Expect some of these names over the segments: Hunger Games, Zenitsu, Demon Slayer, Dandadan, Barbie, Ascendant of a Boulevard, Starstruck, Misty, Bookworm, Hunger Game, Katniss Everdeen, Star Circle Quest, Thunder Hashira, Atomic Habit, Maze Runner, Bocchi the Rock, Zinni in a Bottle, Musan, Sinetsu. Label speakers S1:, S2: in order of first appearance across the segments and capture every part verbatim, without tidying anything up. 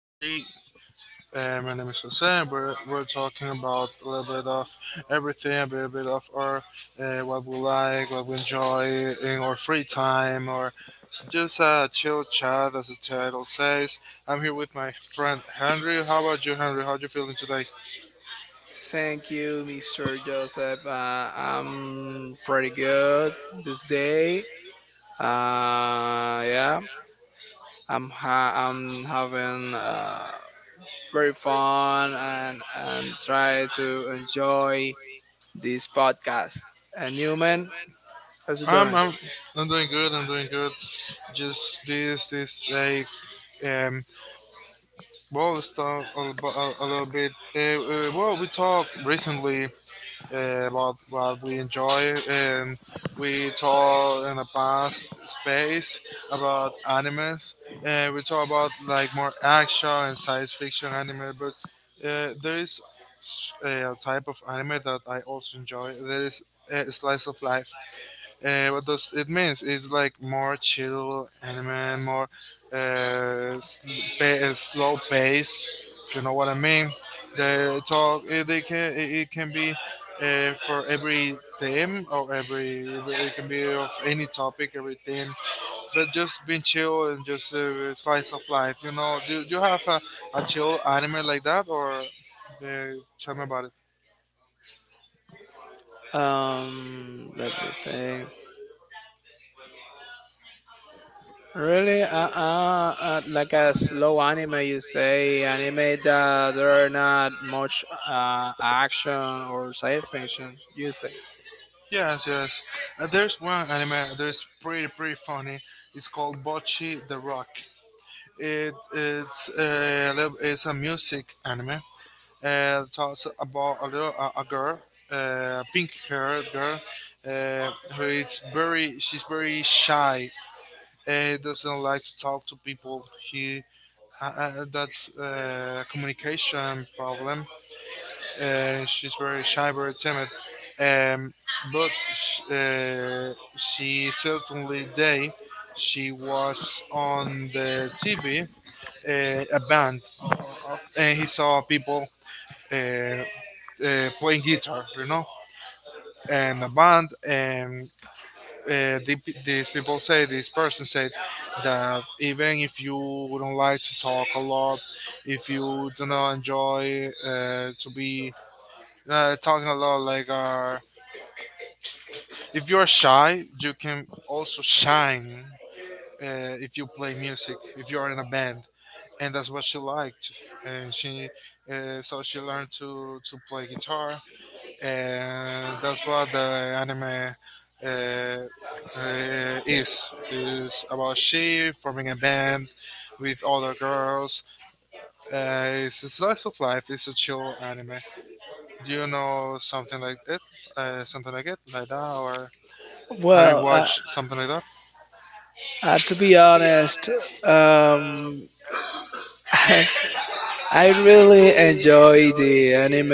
S1: 30. Uh, my name is Jose. And We're, we're talking about a little bit of everything, a little bit of our uh, what we like, what we enjoy in our free time, or just a chill chat, as the title says. I'm here with my friend Henry. How about you, Henry? How are you feeling today?
S2: Thank you, mister Joseph. Uh, I'm pretty good this day. Uh, yeah, I'm ha I'm having uh, very fun and and try to enjoy this podcast. And you, man, how's it
S1: I'm,
S2: doing?
S1: I'm, I'm doing good. I'm doing good. Just this this day. Um, Well, let's talk a, bu- a, a little bit. Uh, uh, well, we talked recently uh, about what we enjoy, and we talked in the past space about animes, and we talk about like more action and science fiction anime. But uh, there is s- a type of anime that I also enjoy. There is uh, slice of life. Uh, what does it means? It's like more chill anime, more uh, sl- pa- uh, slow pace. You know what I mean? The talk it, they can it, it can be uh, for every theme or every it can be of any topic, every theme. But just being chill and just uh, slice of life. You know? Do, do you have a, a chill anime like that, or uh, tell me about it?
S2: Um, Let me think. Really? Uh, uh, uh, like a slow anime, you say? Anime that there are not much uh, action or science fiction, you say?
S1: Yes, yes. Uh, there's one anime that is pretty, pretty funny. It's called Bocchi the Rock. It it's uh, a little- it's a music anime. Uh, it talks about a little a, a girl, uh, pink-haired girl, uh, who is very she's very shy. Uh, doesn't like to talk to people. He uh, uh, that's uh, communication problem. Uh, she's very shy, very timid, um, but sh- uh, she certainly day she watched on the T V uh, a band, uh, uh, and he saw people uh, uh, playing guitar, you know, and a band, and uh, the, these people say, this person said that even if you don't like to talk a lot, if you do not enjoy uh, to be uh, talking a lot, like uh, if you are shy, you can also shine uh, if you play music, if you are in a band, and that's what she liked. And she, uh, so she learned to to play guitar, and that's what the anime uh, uh, is is about: she forming a band with other girls. Uh, it's a slice of life. It's a chill anime. Do you know something like it? Uh, something like it, like that, or have you
S2: Well, uh,
S1: watched something like that?
S2: uh, to be honest, um, I really enjoy the anime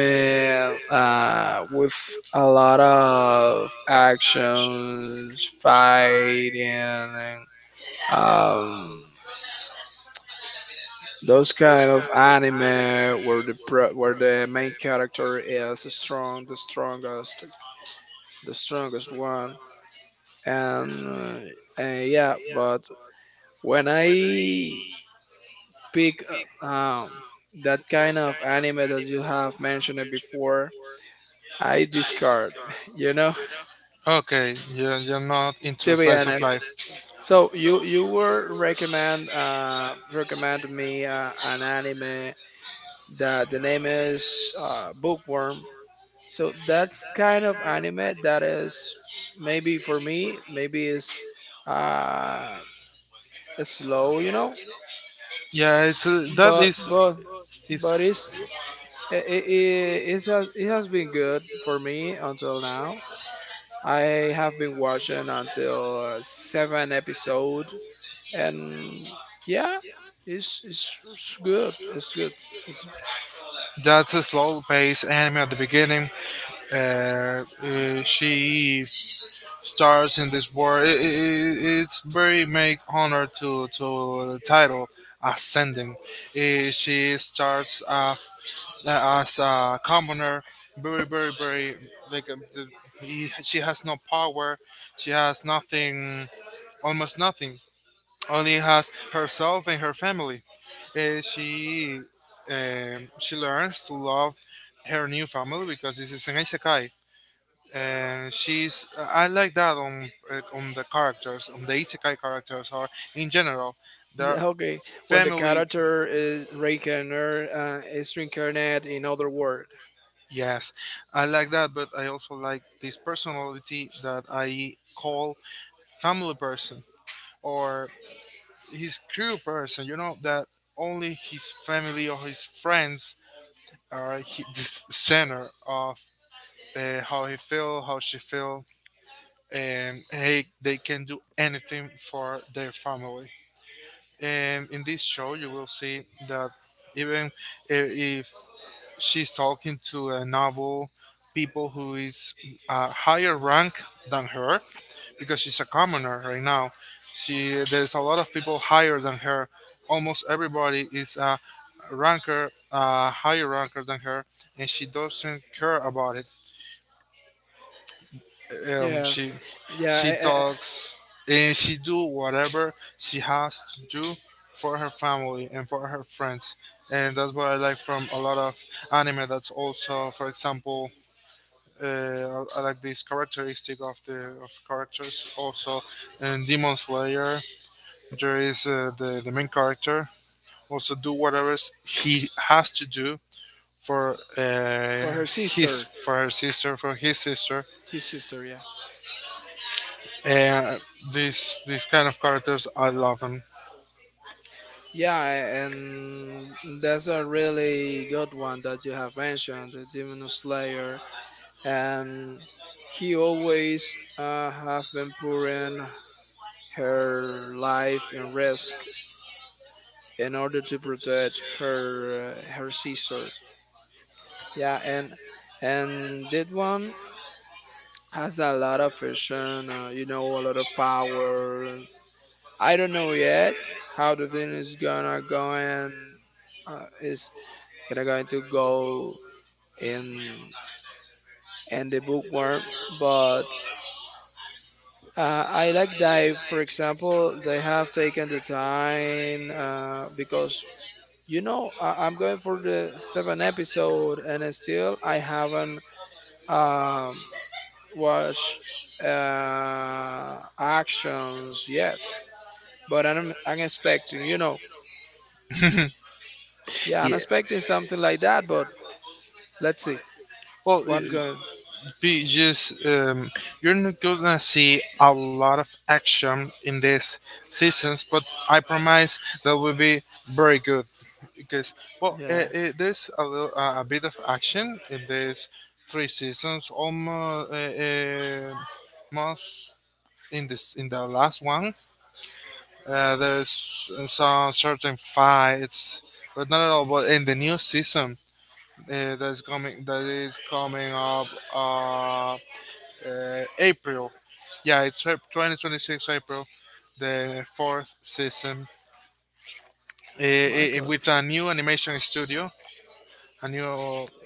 S2: uh, with a lot of actions, fighting, and um, those kind of anime where the pro- where the main character is strong, the strongest, the strongest one, and uh, yeah. But when I pick uh, um, that kind of anime that you have mentioned it before, I discard. You know,
S1: Okay, you're, you're not into
S2: to be
S1: slice of
S2: honest.
S1: life.
S2: So you you were recommend uh, recommend me uh, an anime that the name is uh, Bookworm. So that's kind of anime that is maybe for me, maybe is uh slow, you know.
S1: Yeah, it's a, that
S2: But
S1: is
S2: but but it's
S1: is
S2: it, it, it has it has been good for me until now. I have been watching until uh, seven episode, and yeah, it's it's, it's good. It's good. It's,
S1: that's a slow paced anime at the beginning. Uh, uh, she stars in this war. I i i- it's very make honor to to the title ascending. Uh, she starts off uh, as a commoner, very, very, very like uh, the, he, she has no power. She has nothing, almost nothing, only has herself and her family. Uh, she um, she learns to love her new family, because this is an isekai, and she's I like that on uh, on the characters, on the isekai characters or in general their
S2: okay, when the
S1: family.
S2: character is reincarnated, uh, is reincarnated in other world.
S1: Yes, I like that, but I also like this personality that I call family person or his crew person. You know that only his family or his friends uh, he, the s- center of uh, how he feel, how she feel, and hey, they can do anything for their family. And in this show, you will see that even i- if she's talking to a noble people who is a higher rank than her, because she's a commoner right now. She There's a lot of people higher than her. Almost everybody is a ranker, uh, higher ranker than her, and she doesn't care about it, um,
S2: Yeah,
S1: she
S2: yeah,
S1: she
S2: I, I,
S1: talks and she do whatever she has to do for her family and for her friends, and that's what I like from a lot of anime. That's also, for example, uh, I like this characteristic of the of characters. Also, in Demon Slayer, there is uh, the the main character also do whatever s- he has to do for uh,
S2: for her
S1: his
S2: sister,
S1: for her sister for his sister.
S2: his sister. Yeah,
S1: And these these kind of characters, I love them.
S2: yeah, and that's a really good one that you have mentioned, the Demon Slayer, and he always uh, have been putting her life in risk in order to protect her uh, her sister. Yeah, and and that one has a lot of vision, uh, you know, a lot of power, I don't know yet how the thing is gonna go and uh, is gonna going to go in in the bookworm, but uh, I like that. For example, they have taken the time uh, because you know I, I'm going for the seventh episode and I still I haven't um, watched uh, actions yet. But I'm I'm expecting, you know, yeah, I'm
S1: Yeah.
S2: expecting something like that, but let's see.
S1: Well, uh,
S2: One good.
S1: be just um, you're not gonna see a lot of action in these seasons, but I promise that will be very good, because well, uh,
S2: Yeah.
S1: uh, there's a little uh, a bit of action in these three seasons, almost, uh, uh, most in this in the last one. Uh, there's some certain fights, but not at all. But in the new season uh, that's coming, that is coming up uh, uh, April. Yeah, it's Ap- twenty twenty-six April, the fourth season uh,
S2: My
S1: uh, uh,
S2: God.
S1: with a new animation studio. A new,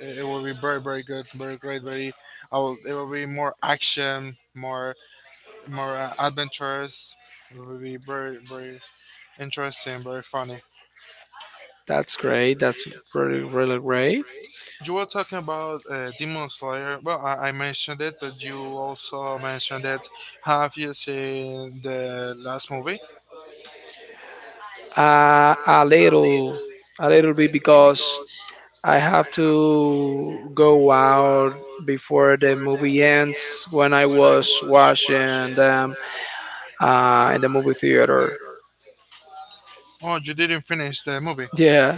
S1: it it will be very, very good, very great, very. I will, it will be more action, more, more uh, adventures. It will be very, very interesting, very funny.
S2: That's great. That's really, really great.
S1: You were talking about uh, Demon Slayer. Well, I, I mentioned it, but you also mentioned it. Have you seen the last movie?
S2: Uh, a little, a little bit because I have to go out before the movie ends when I was watching them uh, in the movie theater.
S1: Oh, you didn't finish the movie.
S2: Yeah.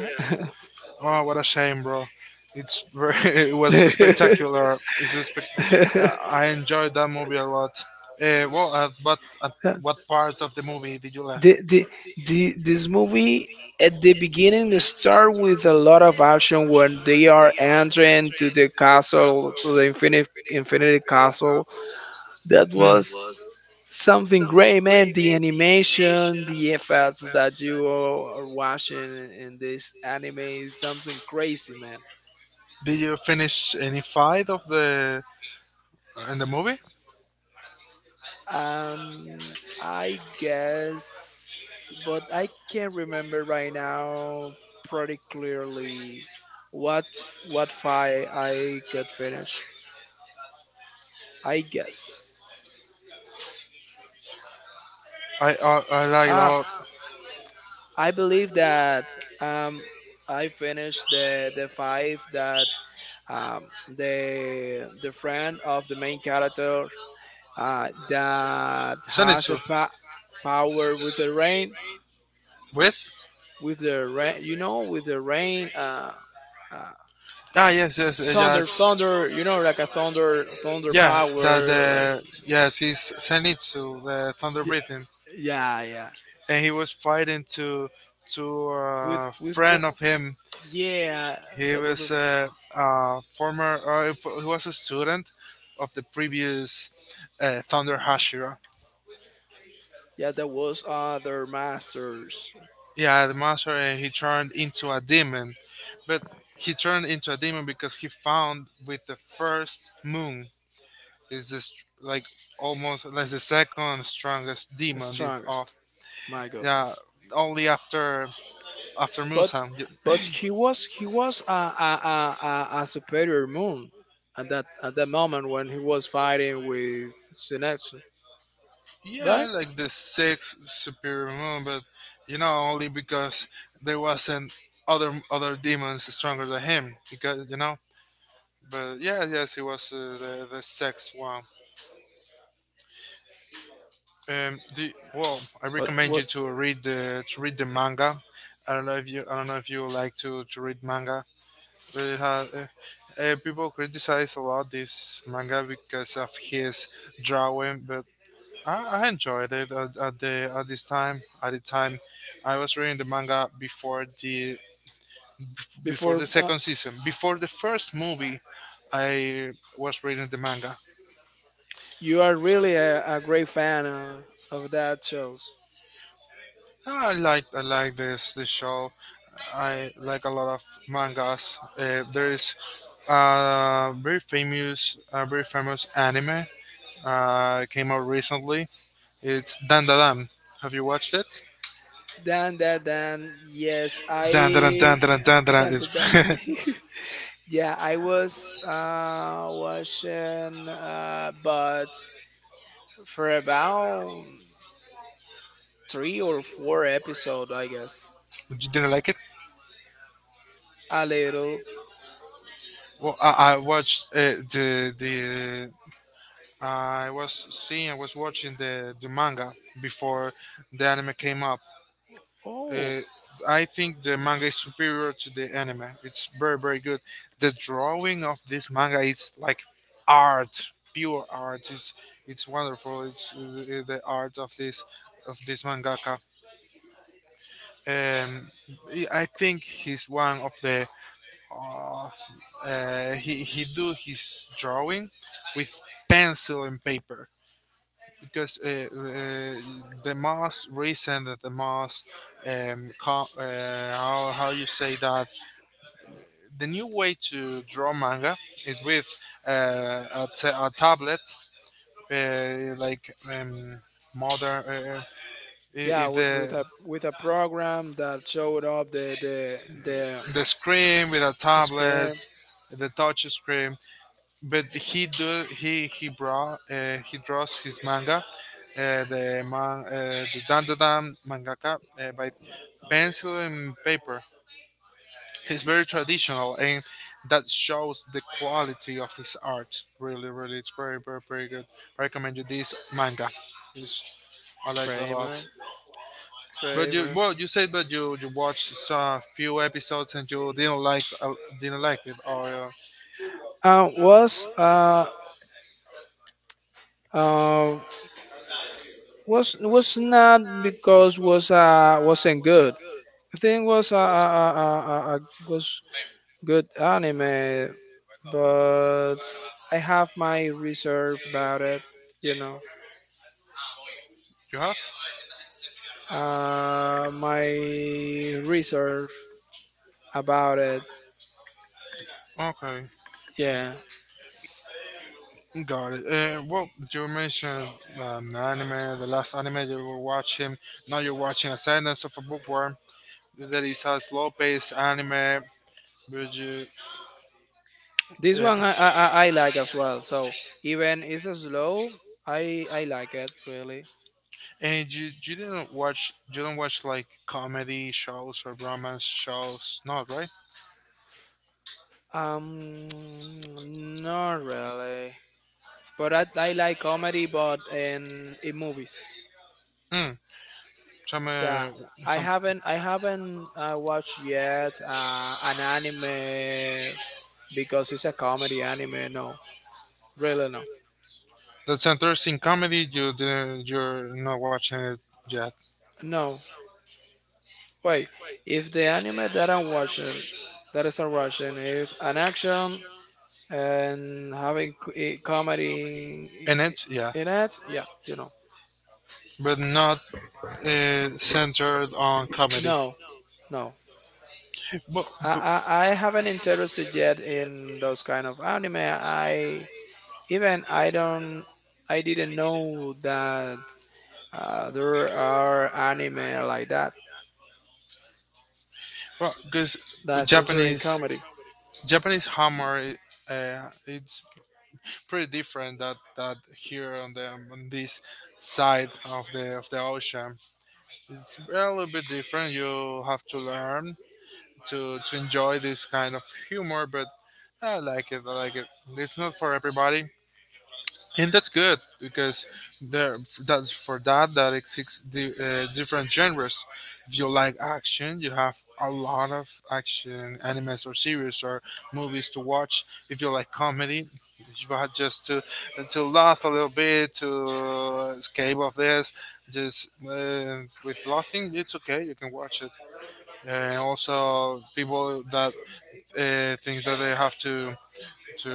S1: Oh, what a shame, bro. It's very, it was spectacular. It's just spec- uh, I enjoyed that movie a lot. Uh, well, at what at what part of the movie did you left?
S2: the the, the this movie at the beginning, they start with a lot of action when they are entering to the castle, to the infinite infinity castle. That
S1: Mm.
S2: was something great, man. The animation, the effects that you are are watching in in this anime is something crazy.
S1: Did you finish any fight of the in the movie?
S2: Um, I guess, but I can't remember right now pretty clearly what what fight I got finished. I guess.
S1: I I, I like a
S2: Ah,
S1: lot.
S2: I believe that um I finished the the five that um the the friend of the main character uh that has
S1: Zenitsu
S2: a pa- power with the rain,
S1: with
S2: with the rain you know with the rain uh uh,
S1: Ah, yes, yes, uh,
S2: thunder,
S1: yes.
S2: thunder, you know, like a thunder, thunder
S1: Yeah, that
S2: power, like
S1: the Yes, he's Zenitsu, the Thunder
S2: y-
S1: Breathing,
S2: yeah, yeah.
S1: and he was fighting to to
S2: With
S1: a
S2: with
S1: friend
S2: wo-
S1: of him.
S2: yeah,
S1: He
S2: that was a
S1: was a, a former, or if- he was a student of the previous uh, Thunder
S2: uh,
S1: Hashira.
S2: yeah, that was uh, their master's
S1: Yeah, the master, and he turned into a demon, but he turned into a demon because he found with the first moon is this like almost like the second strongest demon of.
S2: strongest. My
S1: Yeah,
S2: goodness,
S1: only after after
S2: but
S1: Musan. Y-
S2: but he was he was a a, a, a a superior moon at that at that moment when he was fighting with Sinetsu, right?
S1: Yeah, like the sixth superior moon, but you know only because there wasn't other other demons stronger than him. Because you know, but yeah, yes, he was uh, the the sixth one. Um, the, well, I
S2: But
S1: recommend you
S2: what
S1: to read the to read the manga. I don't know if you I don't know if you like to, to read manga. But it has, uh, uh, people criticize a lot this manga because of his drawing, but I, I enjoyed it at, at the at this time. At the time, I was reading the manga before the before
S2: before
S1: the
S2: uh,
S1: second season. Before the first movie, I was reading the manga.
S2: you are really a, a great fan uh, of that show.
S1: I like I like this this show. I like a lot of mangas. Uh, there is a very famous a very famous anime uh, came out recently. It's Dandadan. Have you watched it?
S2: Dan, Dan, Dan. Yes,
S1: Dandadan
S2: I.
S1: Dandadan Dandadan
S2: Dan,
S1: is.
S2: Dan, Dan.
S1: You
S2: Yeah, I was uh, watching, uh, but for about three or four episodes, I guess.
S1: didn't like it?
S2: A little.
S1: Well, I, I watched uh, the the I was seeing I was watching the the manga before the anime came up.
S2: Oh,
S1: Uh, I think the manga is superior to the anime. It's very very good. The drawing of this manga is like art, pure art. It's it's wonderful. It's uh, the art of this of this mangaka. Um, I I think he's one of the Uh, uh, he he do his drawing with pencil and paper, because uh, uh, the most recent the most um, co- uh, how, how you say that, the new way to draw manga is with uh, a, t- a tablet uh, like um, modern, uh, i-
S2: yeah,
S1: if
S2: with,
S1: the
S2: with a with a program that showed up the the the
S1: the screen with a
S2: the
S1: tablet,
S2: scram
S1: the touch screen. But he do he he brought uh, he draws his manga uh, the man uh, the Dandadan mangaka uh, by pencil and paper. He's very traditional, and that shows the quality of his art. Really, really, it's very, very, very good. I recommend you this manga. It's, I liked a lot.
S2: Kramer.
S1: But you
S2: Kramer.
S1: well, you said that you you watched a few episodes and you didn't like uh, didn't like it, or uh,
S2: Uh, was uh uh was was not because was uh wasn't good. I think was a, a, a, a, a was good anime, but I have my reserve about it. You know,
S1: you have
S2: uh, my reserve about it.
S1: okay.
S2: Yeah,
S1: Got it. And well, you mentioned um, anime, the last anime you were watching. Now you're watching A Sentence of a Bookworm. That is a slow-paced anime. But you
S2: this
S1: uh,
S2: one I, I, I I like as well. So even it's a slow, I I like it really.
S1: and you, you didn't watch you don't watch like comedy shows or romance shows, not right?
S2: Um, Not really. But I, I like comedy, but in in movies.
S1: Hmm. Some, uh,
S2: Yeah, I
S1: some
S2: haven't I haven't uh, watched yet uh, an anime because it's a comedy anime. No, really no.
S1: that's interesting comedy. You didn't you're not watching it yet.
S2: No, wait. If the anime that I'm watching, that is a Russian, is an action and having c- i- comedy
S1: In
S2: in
S1: it, yeah,
S2: in- in it, yeah, you know.
S1: but not uh, centered on comedy.
S2: No, no.
S1: But,
S2: I, I I haven't interested yet in those kind of anime. I even I don't I didn't know that Uh, there are anime like that,
S1: well, because
S2: that centering
S1: Japanese
S2: comedy.
S1: Japanese hammer, i- uh, it's pretty different that that here on the um, on this side of the of the ocean. It's a little bit different. You have to learn to to enjoy this kind of humor, but I like it. I like it. It's not for everybody, and that's good because there that's for that that exists di- uh, different genres. If you like action, you have a lot of action animes or series or movies to watch. If you like comedy, you have just to to laugh a little bit, to escape of this, just uh, with laughing it's okay, you can watch it. And also people that uh, thinks that they have to to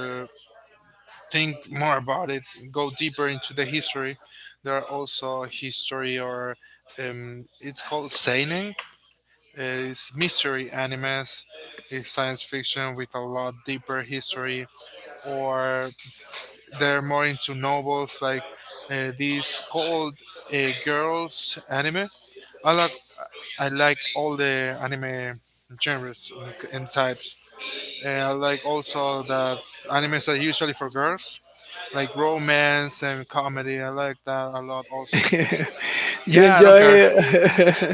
S1: think more about it, go deeper into the history. There are also history or um, it's called seinen. Uh, it's mystery animes. It's science fiction with a lot deeper history, or they're more into novels like uh, these called uh, girls anime. I like I like all the anime genres and types. Uh, I like also that animes are usually for girls, like romance and comedy. I like that a lot also.
S2: You
S1: Yeah, I don't care.
S2: enjoy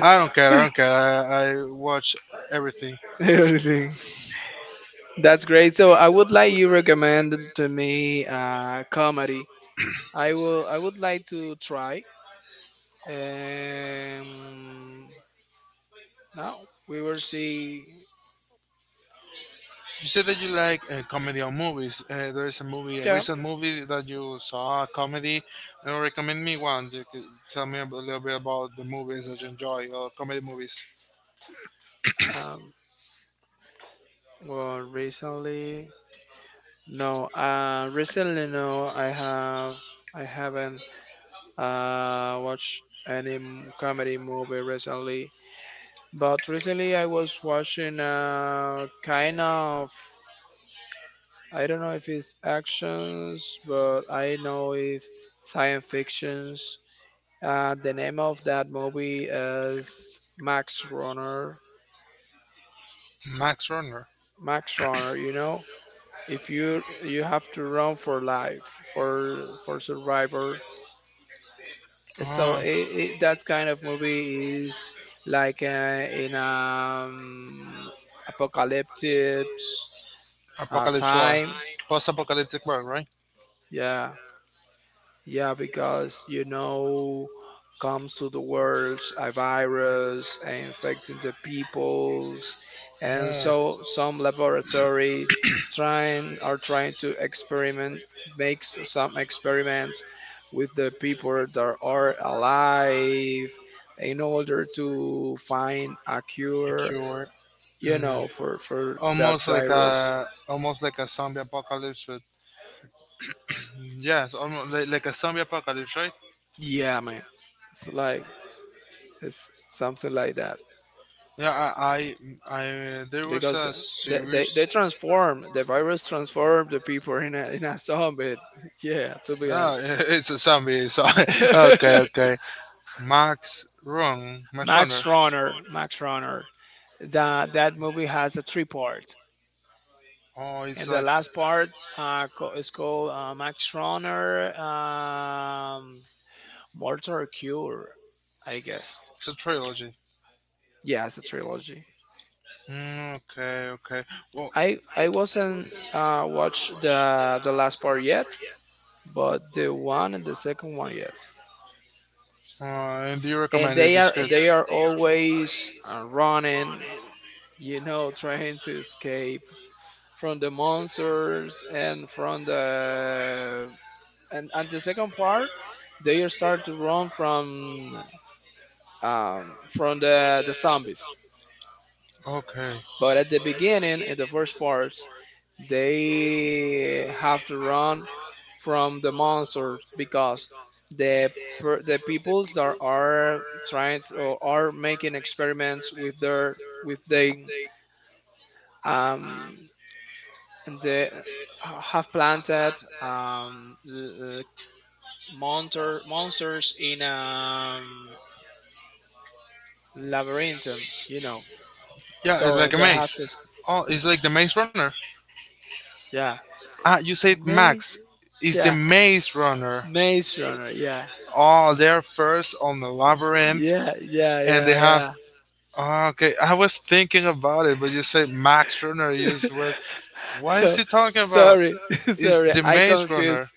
S1: I don't care. I don't care. I, I watch everything.
S2: everything. That's great. So I would like you recommend to me uh, comedy. I will. I would like to try. Um, Now we will see.
S1: You said that you like uh, comedy or movies. Uh, there is a movie, a
S2: Yeah.
S1: recent movie that you saw, a comedy, and recommend me one. You could tell me a little bit about the movies that you enjoy, or comedy movies.
S2: Um, well, recently, no. Uh, recently, no. I have. I haven't uh, watch any m- comedy movie recently. But recently I was watching a kind of, I don't know if it's actions, but I know it's science fictions. Uh, the name of that movie is Max Runner.
S1: Max Runner.
S2: Max Runner, you know, if you you have to run for life for for survivor, so
S1: Oh,
S2: it, it, that kind of movie is like uh, in um apocalyptic uh,
S1: Apocalypse War.
S2: time.
S1: Post-apocalyptic world, right?
S2: Yeah, yeah, because you know, comes to the world a virus and infecting the peoples, and
S1: Yeah.
S2: so some laboratory trying are trying to experiment, makes some experiments with the people that are alive in order to find a
S1: The
S2: cure,
S1: Cure.
S2: you
S1: Mm.
S2: know, for for that
S1: Almost like
S2: virus.
S1: a almost like a zombie apocalypse with. Yes, almost like, like a zombie apocalypse, right?
S2: Yeah, man, it's like it's something like that.
S1: Yeah, I, I, I uh, there was
S2: Because
S1: a
S2: they,
S1: series.
S2: they, they transform the virus transform the people in a, in a zombie. Yeah, to be
S1: Oh,
S2: honest.
S1: it's a zombie. So okay, okay. Max Run, Max Runner.
S2: Max Runner. Max runner that that movie has a three part.
S1: Oh, it's
S2: And the
S1: like
S2: last part uh, co- is called uh, Max Runner um, Mortar Cure, I guess.
S1: it's a trilogy.
S2: Yeah, it's a trilogy.
S1: Mm, okay, okay. Well,
S2: I i wasn't uh, watched the the last part yet, but the one and the second one, yes.
S1: uh, and do you
S2: And
S1: recommend it?
S2: they
S1: It's
S2: are
S1: good.
S2: they are always uh, running, you know, trying to escape from the monsters, and from the and and the second part, they start to run from um from the the zombies.
S1: Okay.
S2: But at the beginning, in the first part, they have to run from the monsters, because the per, the peoples that are trying to, or are making experiments with their with they um they have planted um l- l- monster monsters in um labyrinth, you know,
S1: Yeah,
S2: so
S1: it's like
S2: and
S1: a
S2: they have
S1: maze.
S2: to.
S1: Oh, it's like the Maze Runner.
S2: Yeah,
S1: Ah, you said
S2: maze.
S1: Max is the
S2: Yeah,
S1: Maze Runner.
S2: Maze Runner. Yeah,
S1: Oh, they're first on the labyrinth,
S2: yeah, yeah,
S1: and they have.
S2: yeah,
S1: Ah, okay, I was thinking about it, but you said Max Runner. You
S2: yeah.
S1: just went, what is
S2: So,
S1: he talking about?
S2: sorry.
S1: It's
S2: Sorry,
S1: the
S2: I
S1: Maze Runner.
S2: confused.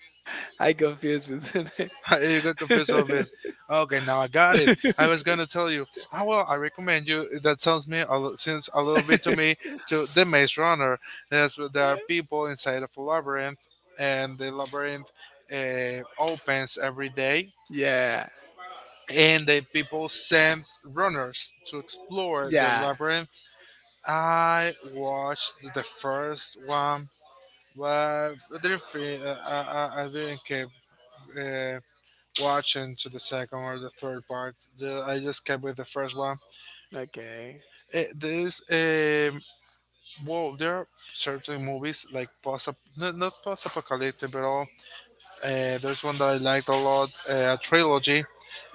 S2: I confused with the
S1: you got confused a little bit.
S2: name.
S1: Okay, now I got it. I was gonna tell you. Ah, well, I recommend you. That sounds me a, li- since a little bit to me to the Maze Runner. That's where there are people inside of a labyrinth, and the labyrinth uh, opens every day,
S2: Yeah,
S1: and the people send runners to explore the
S2: yeah,
S1: labyrinth. I watched the first one, but I didn't feel, uh, I, I I didn't care. Uh, watching to the second or the third part. The, I just kept with the first one.
S2: okay.
S1: Eh, there's um, well, there are certain movies like post, not, not post apocalyptic, but all. Uh, there's one that I liked a lot, uh, a trilogy,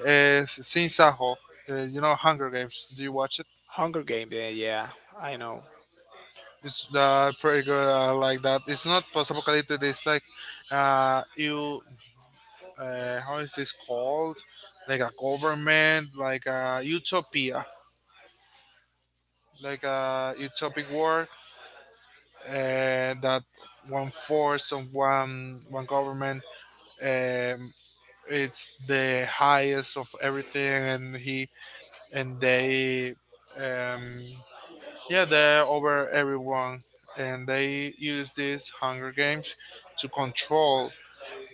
S1: uh, Sin Saho. Uh, you know, Hunger Games. Do you watch it?
S2: Hunger Game, yeah, yeah, I know.
S1: It's uh, pretty good. I like that. It's not post apocalyptic. It's like uh, you uh, how is this called? Like a government, like a utopia, like a utopic world, uh, that one force of one one government, um, it's the highest of everything, and he and they, um, yeah, they're over everyone, and they use these hunger games to control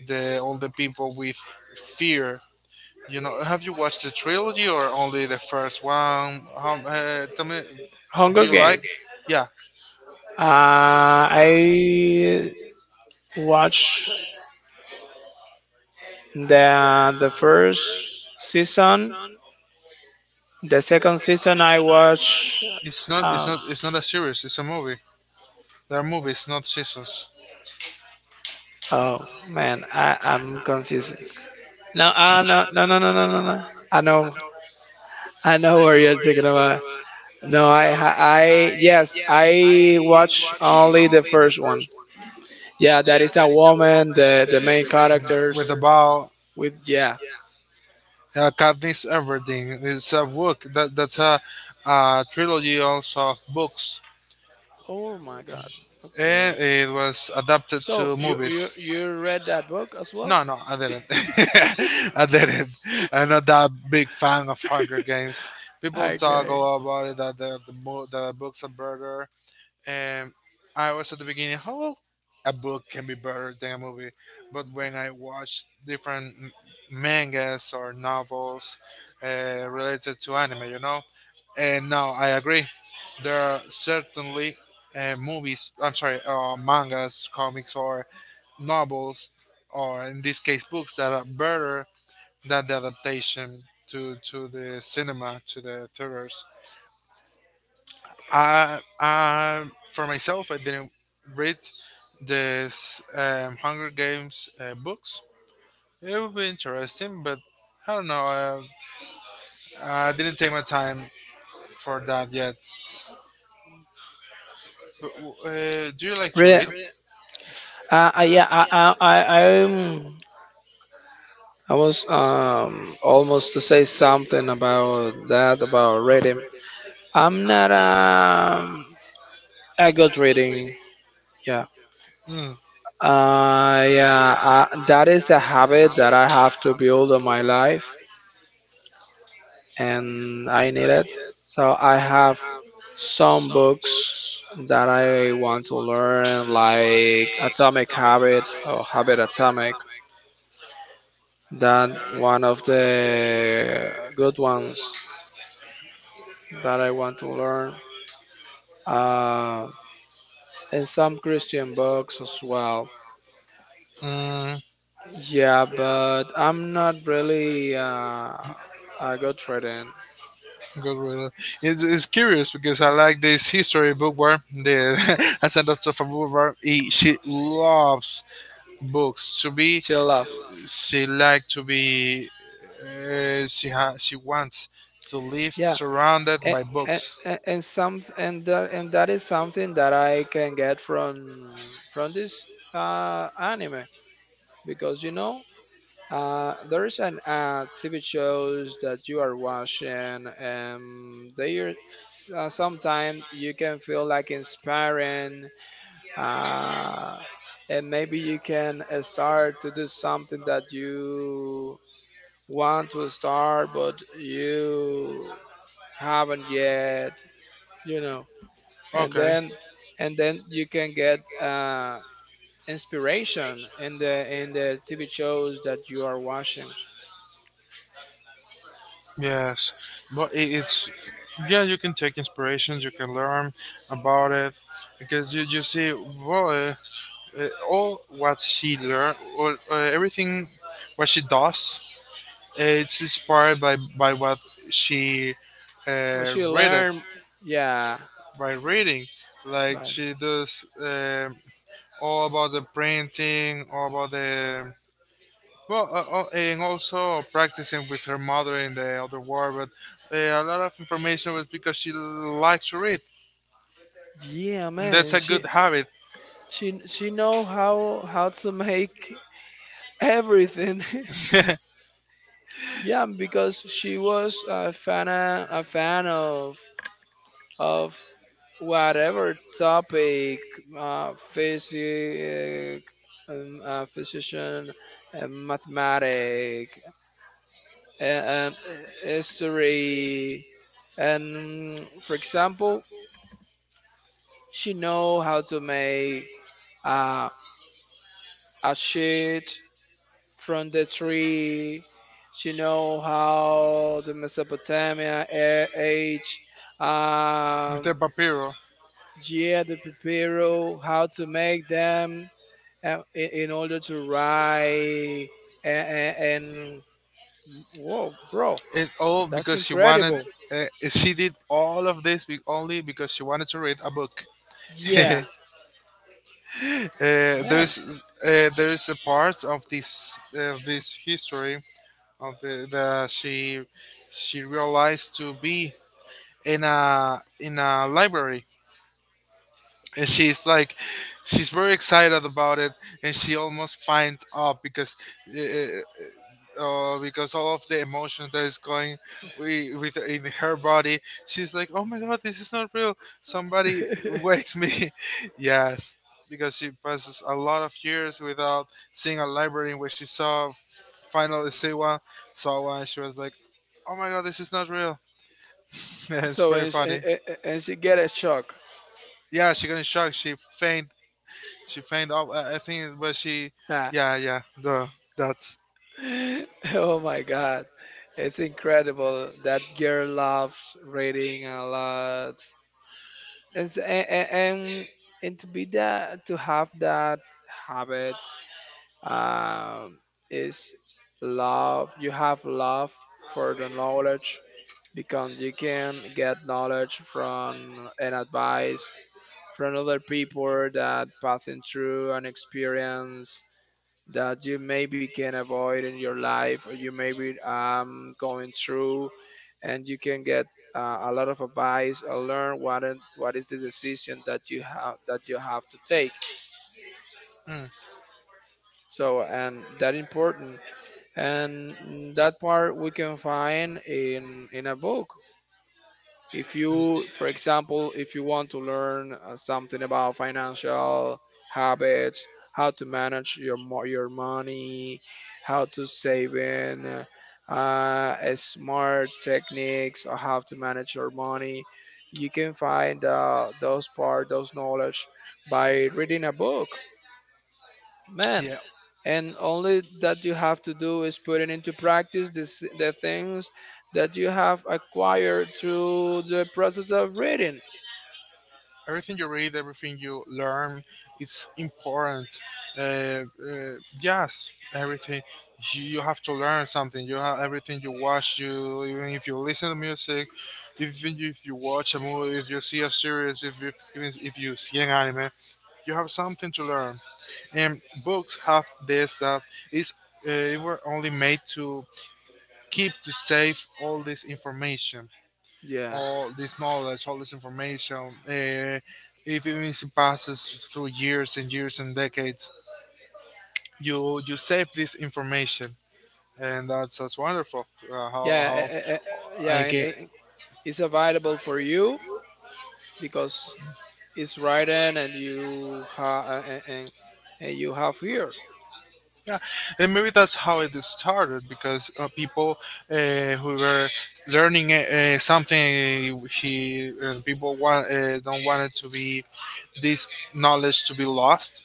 S1: the all the people with fear, you know. Have you watched the trilogy or only the first one? How, uh, tell me, do
S2: Hunger
S1: you
S2: Game.
S1: like, yeah.
S2: Uh, I watched the the first season. The second season I watch.
S1: It's not. It's
S2: Um,
S1: not. It's not a series. It's a movie. There are movies, not seasons.
S2: oh, man, I I'm confused. No, uh, no, no, no, no, no, no, no. I know. I know where you're talking about. No, I, ha- I, yes, I watch only the first one. Yeah, that is a woman, the the main
S1: With,
S2: characters with, yeah.
S1: about uh, Katniss Everdeen. It's a book. That that's a, a trilogy also of books,
S2: Oh my God.
S1: and
S2: Okay.
S1: it was adapted
S2: So
S1: to
S2: you you
S1: movies.
S2: you read that book as well?
S1: No, no, I didn't. I didn't. I'm not that big fan of Hunger Games. People talk a
S2: Okay.
S1: lot about it, that the the, mo- the books are better. And I was at the beginning, how a book can be better than a movie. But when I watched different m- mangas or novels uh, related to anime, you know, and now I agree. There are certainly uh, movies, I'm sorry, uh, mangas, comics, or novels, or in this case, books that are better than the adaptation to, to the cinema, to the theaters. I, I for myself, I didn't read this um, Hunger Games uh, books. It would be interesting, but I don't know. Uh, I didn't take my time for that yet. But, w- uh, do you like to
S2: Really?
S1: read?
S2: Uh, I, yeah. I I I I'm, I was um almost to say something about that about reading. I'm not um a good reading. Yeah.
S1: Mm,
S2: Uh, yeah, uh, that is a habit that I have to build on my life, and I need it. So I have some books that I want to learn, like Atomic Habit or Habit Atomic. That one of the good ones that I want to learn. Uh, and some Christian books as well.
S1: mm,
S2: Yeah, but I'm not really uh, a good reading.
S1: good reader. It's, it's curious because I like this history book where the ascendant of a boulevard. He, she loves books. To be,
S2: Still love.
S1: she like to be, uh, she ha- she wants to live
S2: Yeah,
S1: surrounded
S2: and,
S1: by books.
S2: and, and some and that and that is something that I can get from from this uh, anime. Because you know, uh, there is an uh, T V shows that you are watching, and they are s- uh, sometimes you can feel like inspiring, uh, and maybe you can uh, start to do something that you want to start, but you haven't yet you know and
S1: Okay.
S2: then and then you can get uh inspiration in the in the TV shows that you are watching.
S1: Yes, but I it's, yeah. You can take inspirations. You can learn about it because you you see, well, uh, uh, all what she learn, all uh, everything what she does. Uh, it's inspired by by what she
S2: What
S1: uh,
S2: she
S1: read it
S2: learn. Yeah,
S1: by reading. Like
S2: but
S1: she does um all about the printing, all about the, well, uh, uh, and also practicing with her mother in the other war, but uh, a lot of information was because she likes to read.
S2: yeah,
S1: And that's
S2: man,
S1: a
S2: she
S1: good habit.
S2: she she know how how to make everything.
S1: with
S2: Yeah, because she was a fan a fan of of whatever topic, uh, physic, um, uh, physician, uh, mathematic, and, and history, and mm, for example, she know how to make uh, a sheet from the tree. She know how the Mesopotamia a- age, um,
S1: the papiro.
S2: yeah, the papyrus, how to make them uh, i- in order to ride, and, and whoa, bro,
S1: And all
S2: that's
S1: because she wanted,
S2: incredible.
S1: uh, she did all of this be- only because she wanted to read a book.
S2: Yeah,
S1: uh,
S2: man.
S1: there's uh, there's a part of this of this history of the, the she she realized to be in a in a library, and she's like, she's very excited about it, and she almost finds up because uh, uh, because all of the emotions that is going wi- with in her body, she's like, oh my god, this is not real, somebody wakes me, yes, because she passes a lot of years without seeing a library. Where she saw, finally Siwa saw one, she was like, oh my god, this is not real. it's
S2: So
S1: pretty
S2: and she, and
S1: funny.
S2: and and she get a shock.
S1: Yeah, she got in shock, she faint. She fainted off. I, I think, but she,
S2: Ah.
S1: yeah, yeah. The that's
S2: Oh my god, it's incredible, that girl loves reading a lot. It's, and and, and to be that, to have that habit um, is love, you have love for the knowledge, because you can get knowledge from and advice from other people that passing through an experience that you maybe can avoid in your life, or you maybe um, going through, and you can get uh, a lot of advice or learn what it, what is the decision that you have that you have to take.
S1: mm,
S2: So and that important, and that part we can find in in a book. If
S1: mm,
S2: you, for example, if you want to learn uh, something about financial habits, how to manage your mo- your money, how to save in uh, uh, smart techniques, or how to manage your money, you can find uh, those part, those knowledge by reading a book, man.
S1: yeah.
S2: And only that you have to do is put it into practice, this, the things that you have acquired through the process of reading.
S1: Everything you read, everything you learn, it's important. Uh, uh, yes, everything. You, you have to learn something. You have everything you watch. You, even if you listen to music, even if you watch a movie, if you see a series, if you, even if you see an anime, you have something to learn. And books have this, that is uh, they were only made to keep safe all this information,
S2: Yeah,
S1: all this knowledge, all this information. Uh, if even if it passes through years and years and decades, you you save this information, and that's that's wonderful. Uh, how
S2: yeah,
S1: how
S2: eh, eh, eh, yeah.
S1: I
S2: and
S1: get.
S2: it- it's available for you because it's written and you ha- and, and, and you have here.
S1: Yeah, and maybe that's how it started, because uh, people uh, who were learning uh, something, he uh, people want uh, don't want it to be this knowledge to be lost.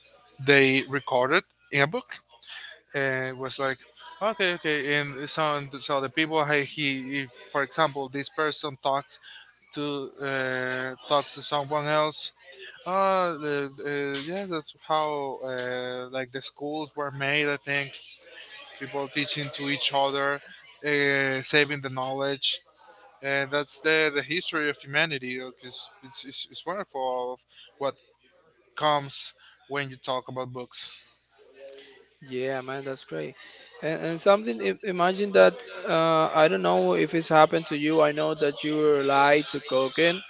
S1: They recorded in a book and was like, okay, okay. And so, so the people hey, he, if, for example, this person talks to uh, talk to someone else. Uh, the, uh, yeah, that's how uh, like the schools were made. I think people teaching to each other, uh, saving the knowledge, and that's the the history of humanity. Like, It's it's, it's, it's wonderful of what comes when you talk about books.
S2: Yeah, man, that's great. And, and something im- imagine that, uh, I don't know if it's happened to you, I know that you like to cooking.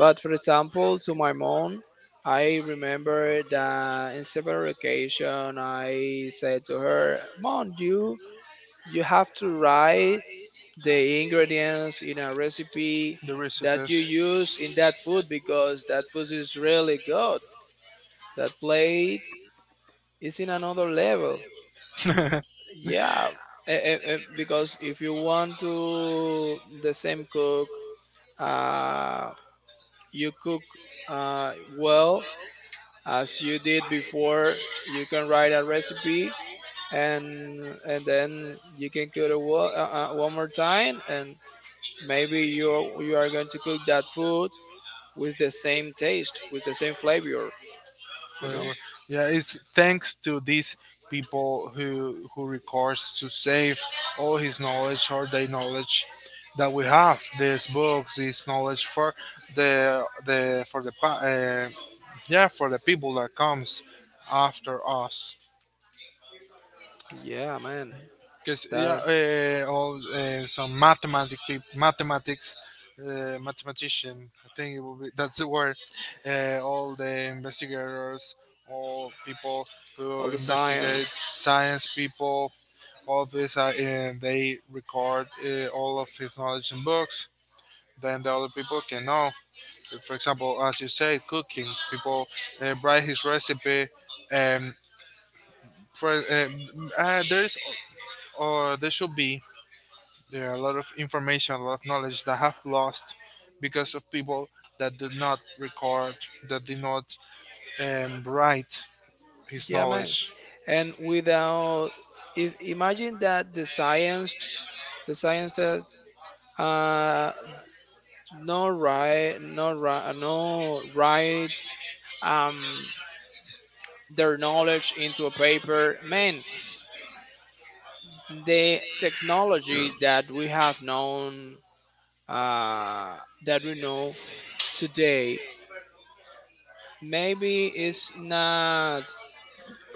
S2: But for example, to my mom, I remember that in several occasions I said to her, "Mom, you you have to write the ingredients in a recipe
S1: The
S2: that you
S1: recipes.
S2: use in that food, because that food is really good. That plate is in another level." Yeah, eh, eh, eh, because if you want to the same cook, uh, you cook uh, well as you did before, you can write a recipe, and and then you can cook it wo- uh, uh, one more time, and maybe you're you are going to cook that food with the same taste, with the same flavor, you know.
S1: flavor. Yeah, it's thanks to these people who who records to save all his knowledge or their knowledge, that we have these books, this knowledge for the the for the pa- uh, yeah, for the people that comes after us.
S2: Yeah, man,
S1: Because yeah,
S2: that's
S1: uh, all uh, some mathematic peop mathematics, uh, mathematician. I think it will be that's the word. Uh, all the investigators, all people
S2: all
S1: who
S2: the
S1: investigate
S2: science.
S1: science people, all this, uh, and they record uh, all of his knowledge in books. Then the other people can know. For example, as you say, cooking. People uh, write his recipe. Um, for um, uh, there's or there should be there are a lot of information, a lot of knowledge that have lost because of people that did not record, that did not um, write his
S2: Yeah, man.
S1: knowledge.
S2: And without, if imagine that the science, the science does uh no right, no right, no right, um their knowledge into a paper. Man, the technology that we have known, uh, that we know today, maybe is not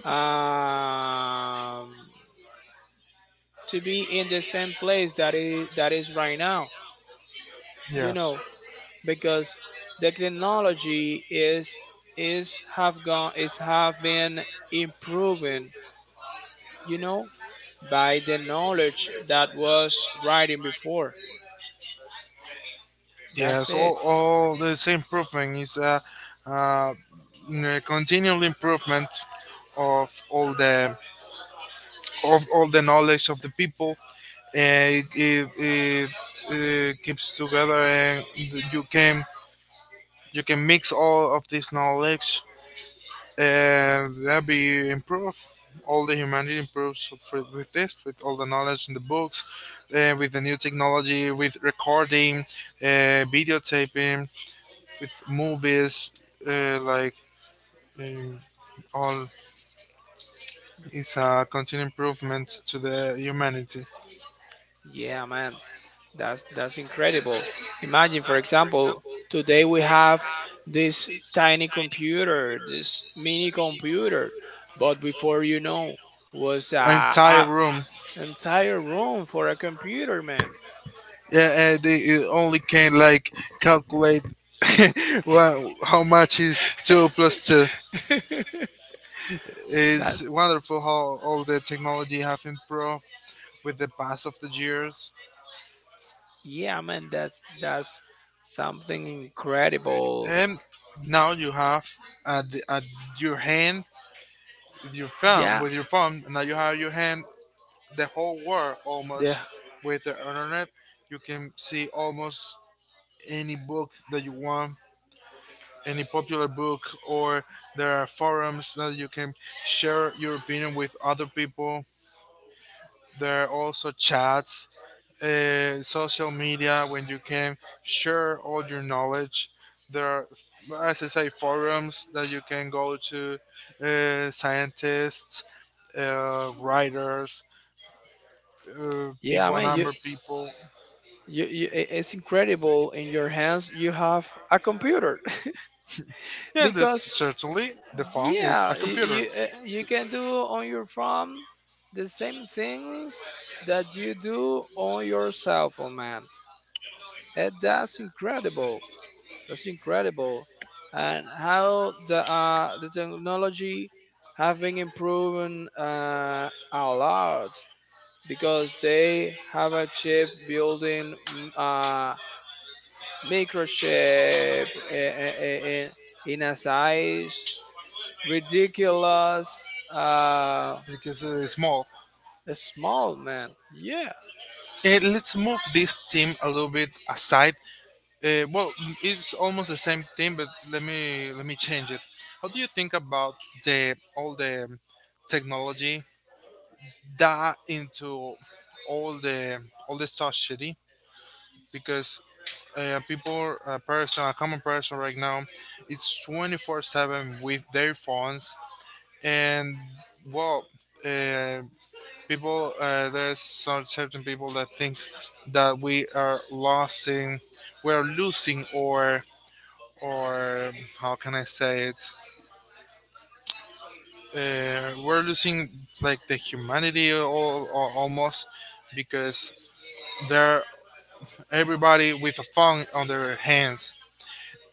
S2: um, to be in the same place that is that is right now. You
S1: Yes,
S2: know, because the technology is is have gone, is have been improving. You know, by the knowledge that was writing before. That's
S1: yes. All,
S2: it.
S1: all this improvement is a, uh, continual improvement of all the of all the knowledge of the people. Uh, it, it, it, uh keeps together, and you can you can mix all of this knowledge and that be improved. All the humanity improves for, with this, with all the knowledge in the books, uh, with the new technology, with recording, uh, videotaping, with movies, uh, like um, all is a continued improvement to the humanity.
S2: Yeah, man, That's that's incredible. Imagine, for example, today we have this tiny computer, this mini computer, but before, you know, was uh,
S1: Entire
S2: a
S1: room,
S2: entire room for a computer, man.
S1: yeah, uh, they uh, only can like calculate. well, how much is two plus two?
S2: That.
S1: It's wonderful how all the technology have improved with the pass of the years.
S2: Yeah, man, That's that's something incredible.
S1: And now you have at, the, at your hand with your phone,
S2: Yeah,
S1: with your phone now you have your hand the whole world
S2: yeah,
S1: almost, with the internet you can see almost any book that you want, any popular book, or there are forums that you can share your opinion with other people, there are also chats, uh, social media when you can share all your knowledge. There are, as I say, forums that you can go to, uh, scientists, uh, writers, uh,
S2: yeah,
S1: people,
S2: man. You,
S1: number people.
S2: you, you, i- it's incredible. In your hands, you have a computer.
S1: Yeah,
S2: Because
S1: that's certainly the phone is a
S2: yeah, you,
S1: computer
S2: you, uh, you can do on your phone the same things that you do on your cell phone, man. And that's incredible. That's incredible. And how the uh, the technology have been improving uh, a lot, because they have achieved building mm, uh, microchip in, in, in a size ridiculous uh
S1: because it is small.
S2: small, man. Yeah.
S1: Uh, let's move this theme a little bit aside. Uh, well, it's almost the same thing, but let me let me change it. How do you think about the all the technology that into all the all the society? Because uh, people a person a common person right now, it's twenty four seven with their phones, and well, uh, people uh, there's some certain people that thinks that we are losing we're losing, or or how can I say it, uh, we're losing like the humanity all, almost, because there, everybody with a phone on their hands.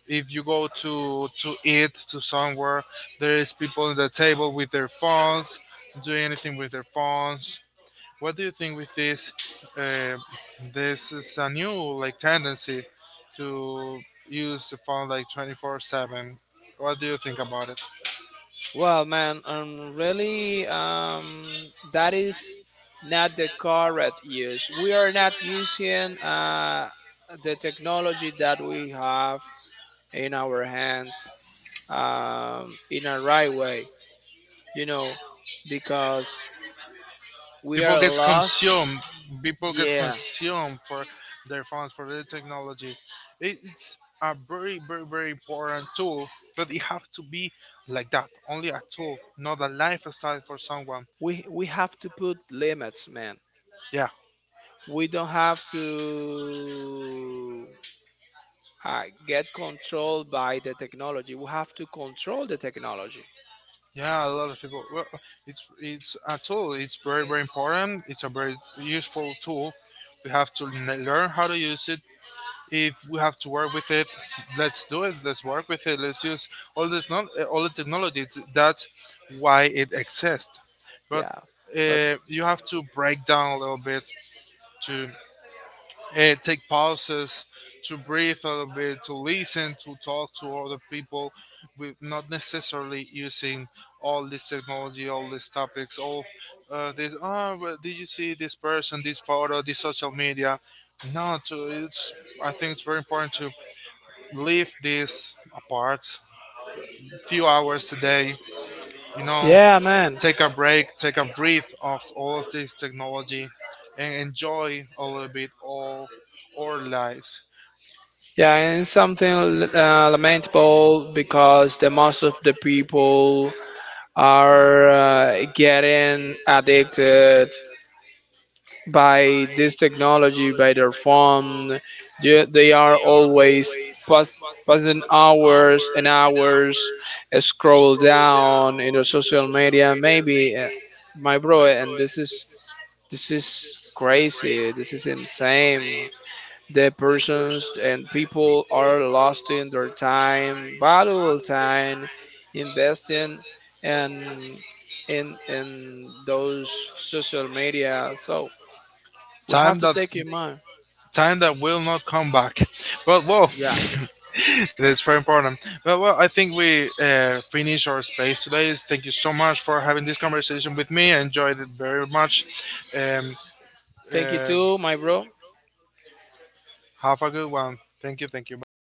S1: If you go to to eat to somewhere, there is people at the table with their phones, doing anything with their phones. What do you think with this? Uh, this is a new like tendency to use the phone like twenty four seven. What do you think about it?
S2: Well man, um really, um that is not the correct use. We are not using uh the technology that we have in our hands um in a right way, you know. Because we
S1: people
S2: are
S1: gets
S2: lost.
S1: consumed people gets
S2: Yeah,
S1: consumed for their phones, for their technology. It, it's a very very very important tool, but it have to be like that, only a tool, not a lifestyle for someone.
S2: we we have to put limits, man.
S1: Yeah,
S2: We don't have to uh, get controlled by the technology. We have to control the technology.
S1: yeah, a lot of people, well, it's it's a tool, it's very very important, it's a very useful tool, we have to n- learn how to use it. If we have to work with it, let's do it. Let's work with it. Let's use all the technol- uh, all the technologies. That's why it exists. But
S2: Yeah. But
S1: uh, you have to break down a little bit to uh, take pauses, to breathe a little bit, to listen, to talk to other people, with not necessarily using all this technology, all these topics, all uh, this. Oh, well, did you see this person, this photo, this social media? No, to, it's, I think it's very important to leave this apart few hours a day, you know,
S2: yeah, man.
S1: take a break, take a breath of all of this technology, and enjoy a little bit all our lives.
S2: Yeah, and it's something uh, lamentable, because the most of the people are uh, getting addicted by this technology, by their phone. They, they are always pass, passing hours and hours uh, scroll down in the social media. Maybe uh, my bro, and this is this is crazy. This is insane. The persons and people are lost in their time, valuable time, investing and in in those social media. So we have
S1: time
S2: to
S1: that
S2: take in mind.
S1: Time that will not come back, but whoa.
S2: Yeah.
S1: that's very important. But well, I think we uh, finish our space today. Thank you so much for having this conversation with me, I enjoyed it very much. Um,
S2: Thank you
S1: uh,
S2: too, my bro.
S1: have a good one. Thank you, thank you, bye bye.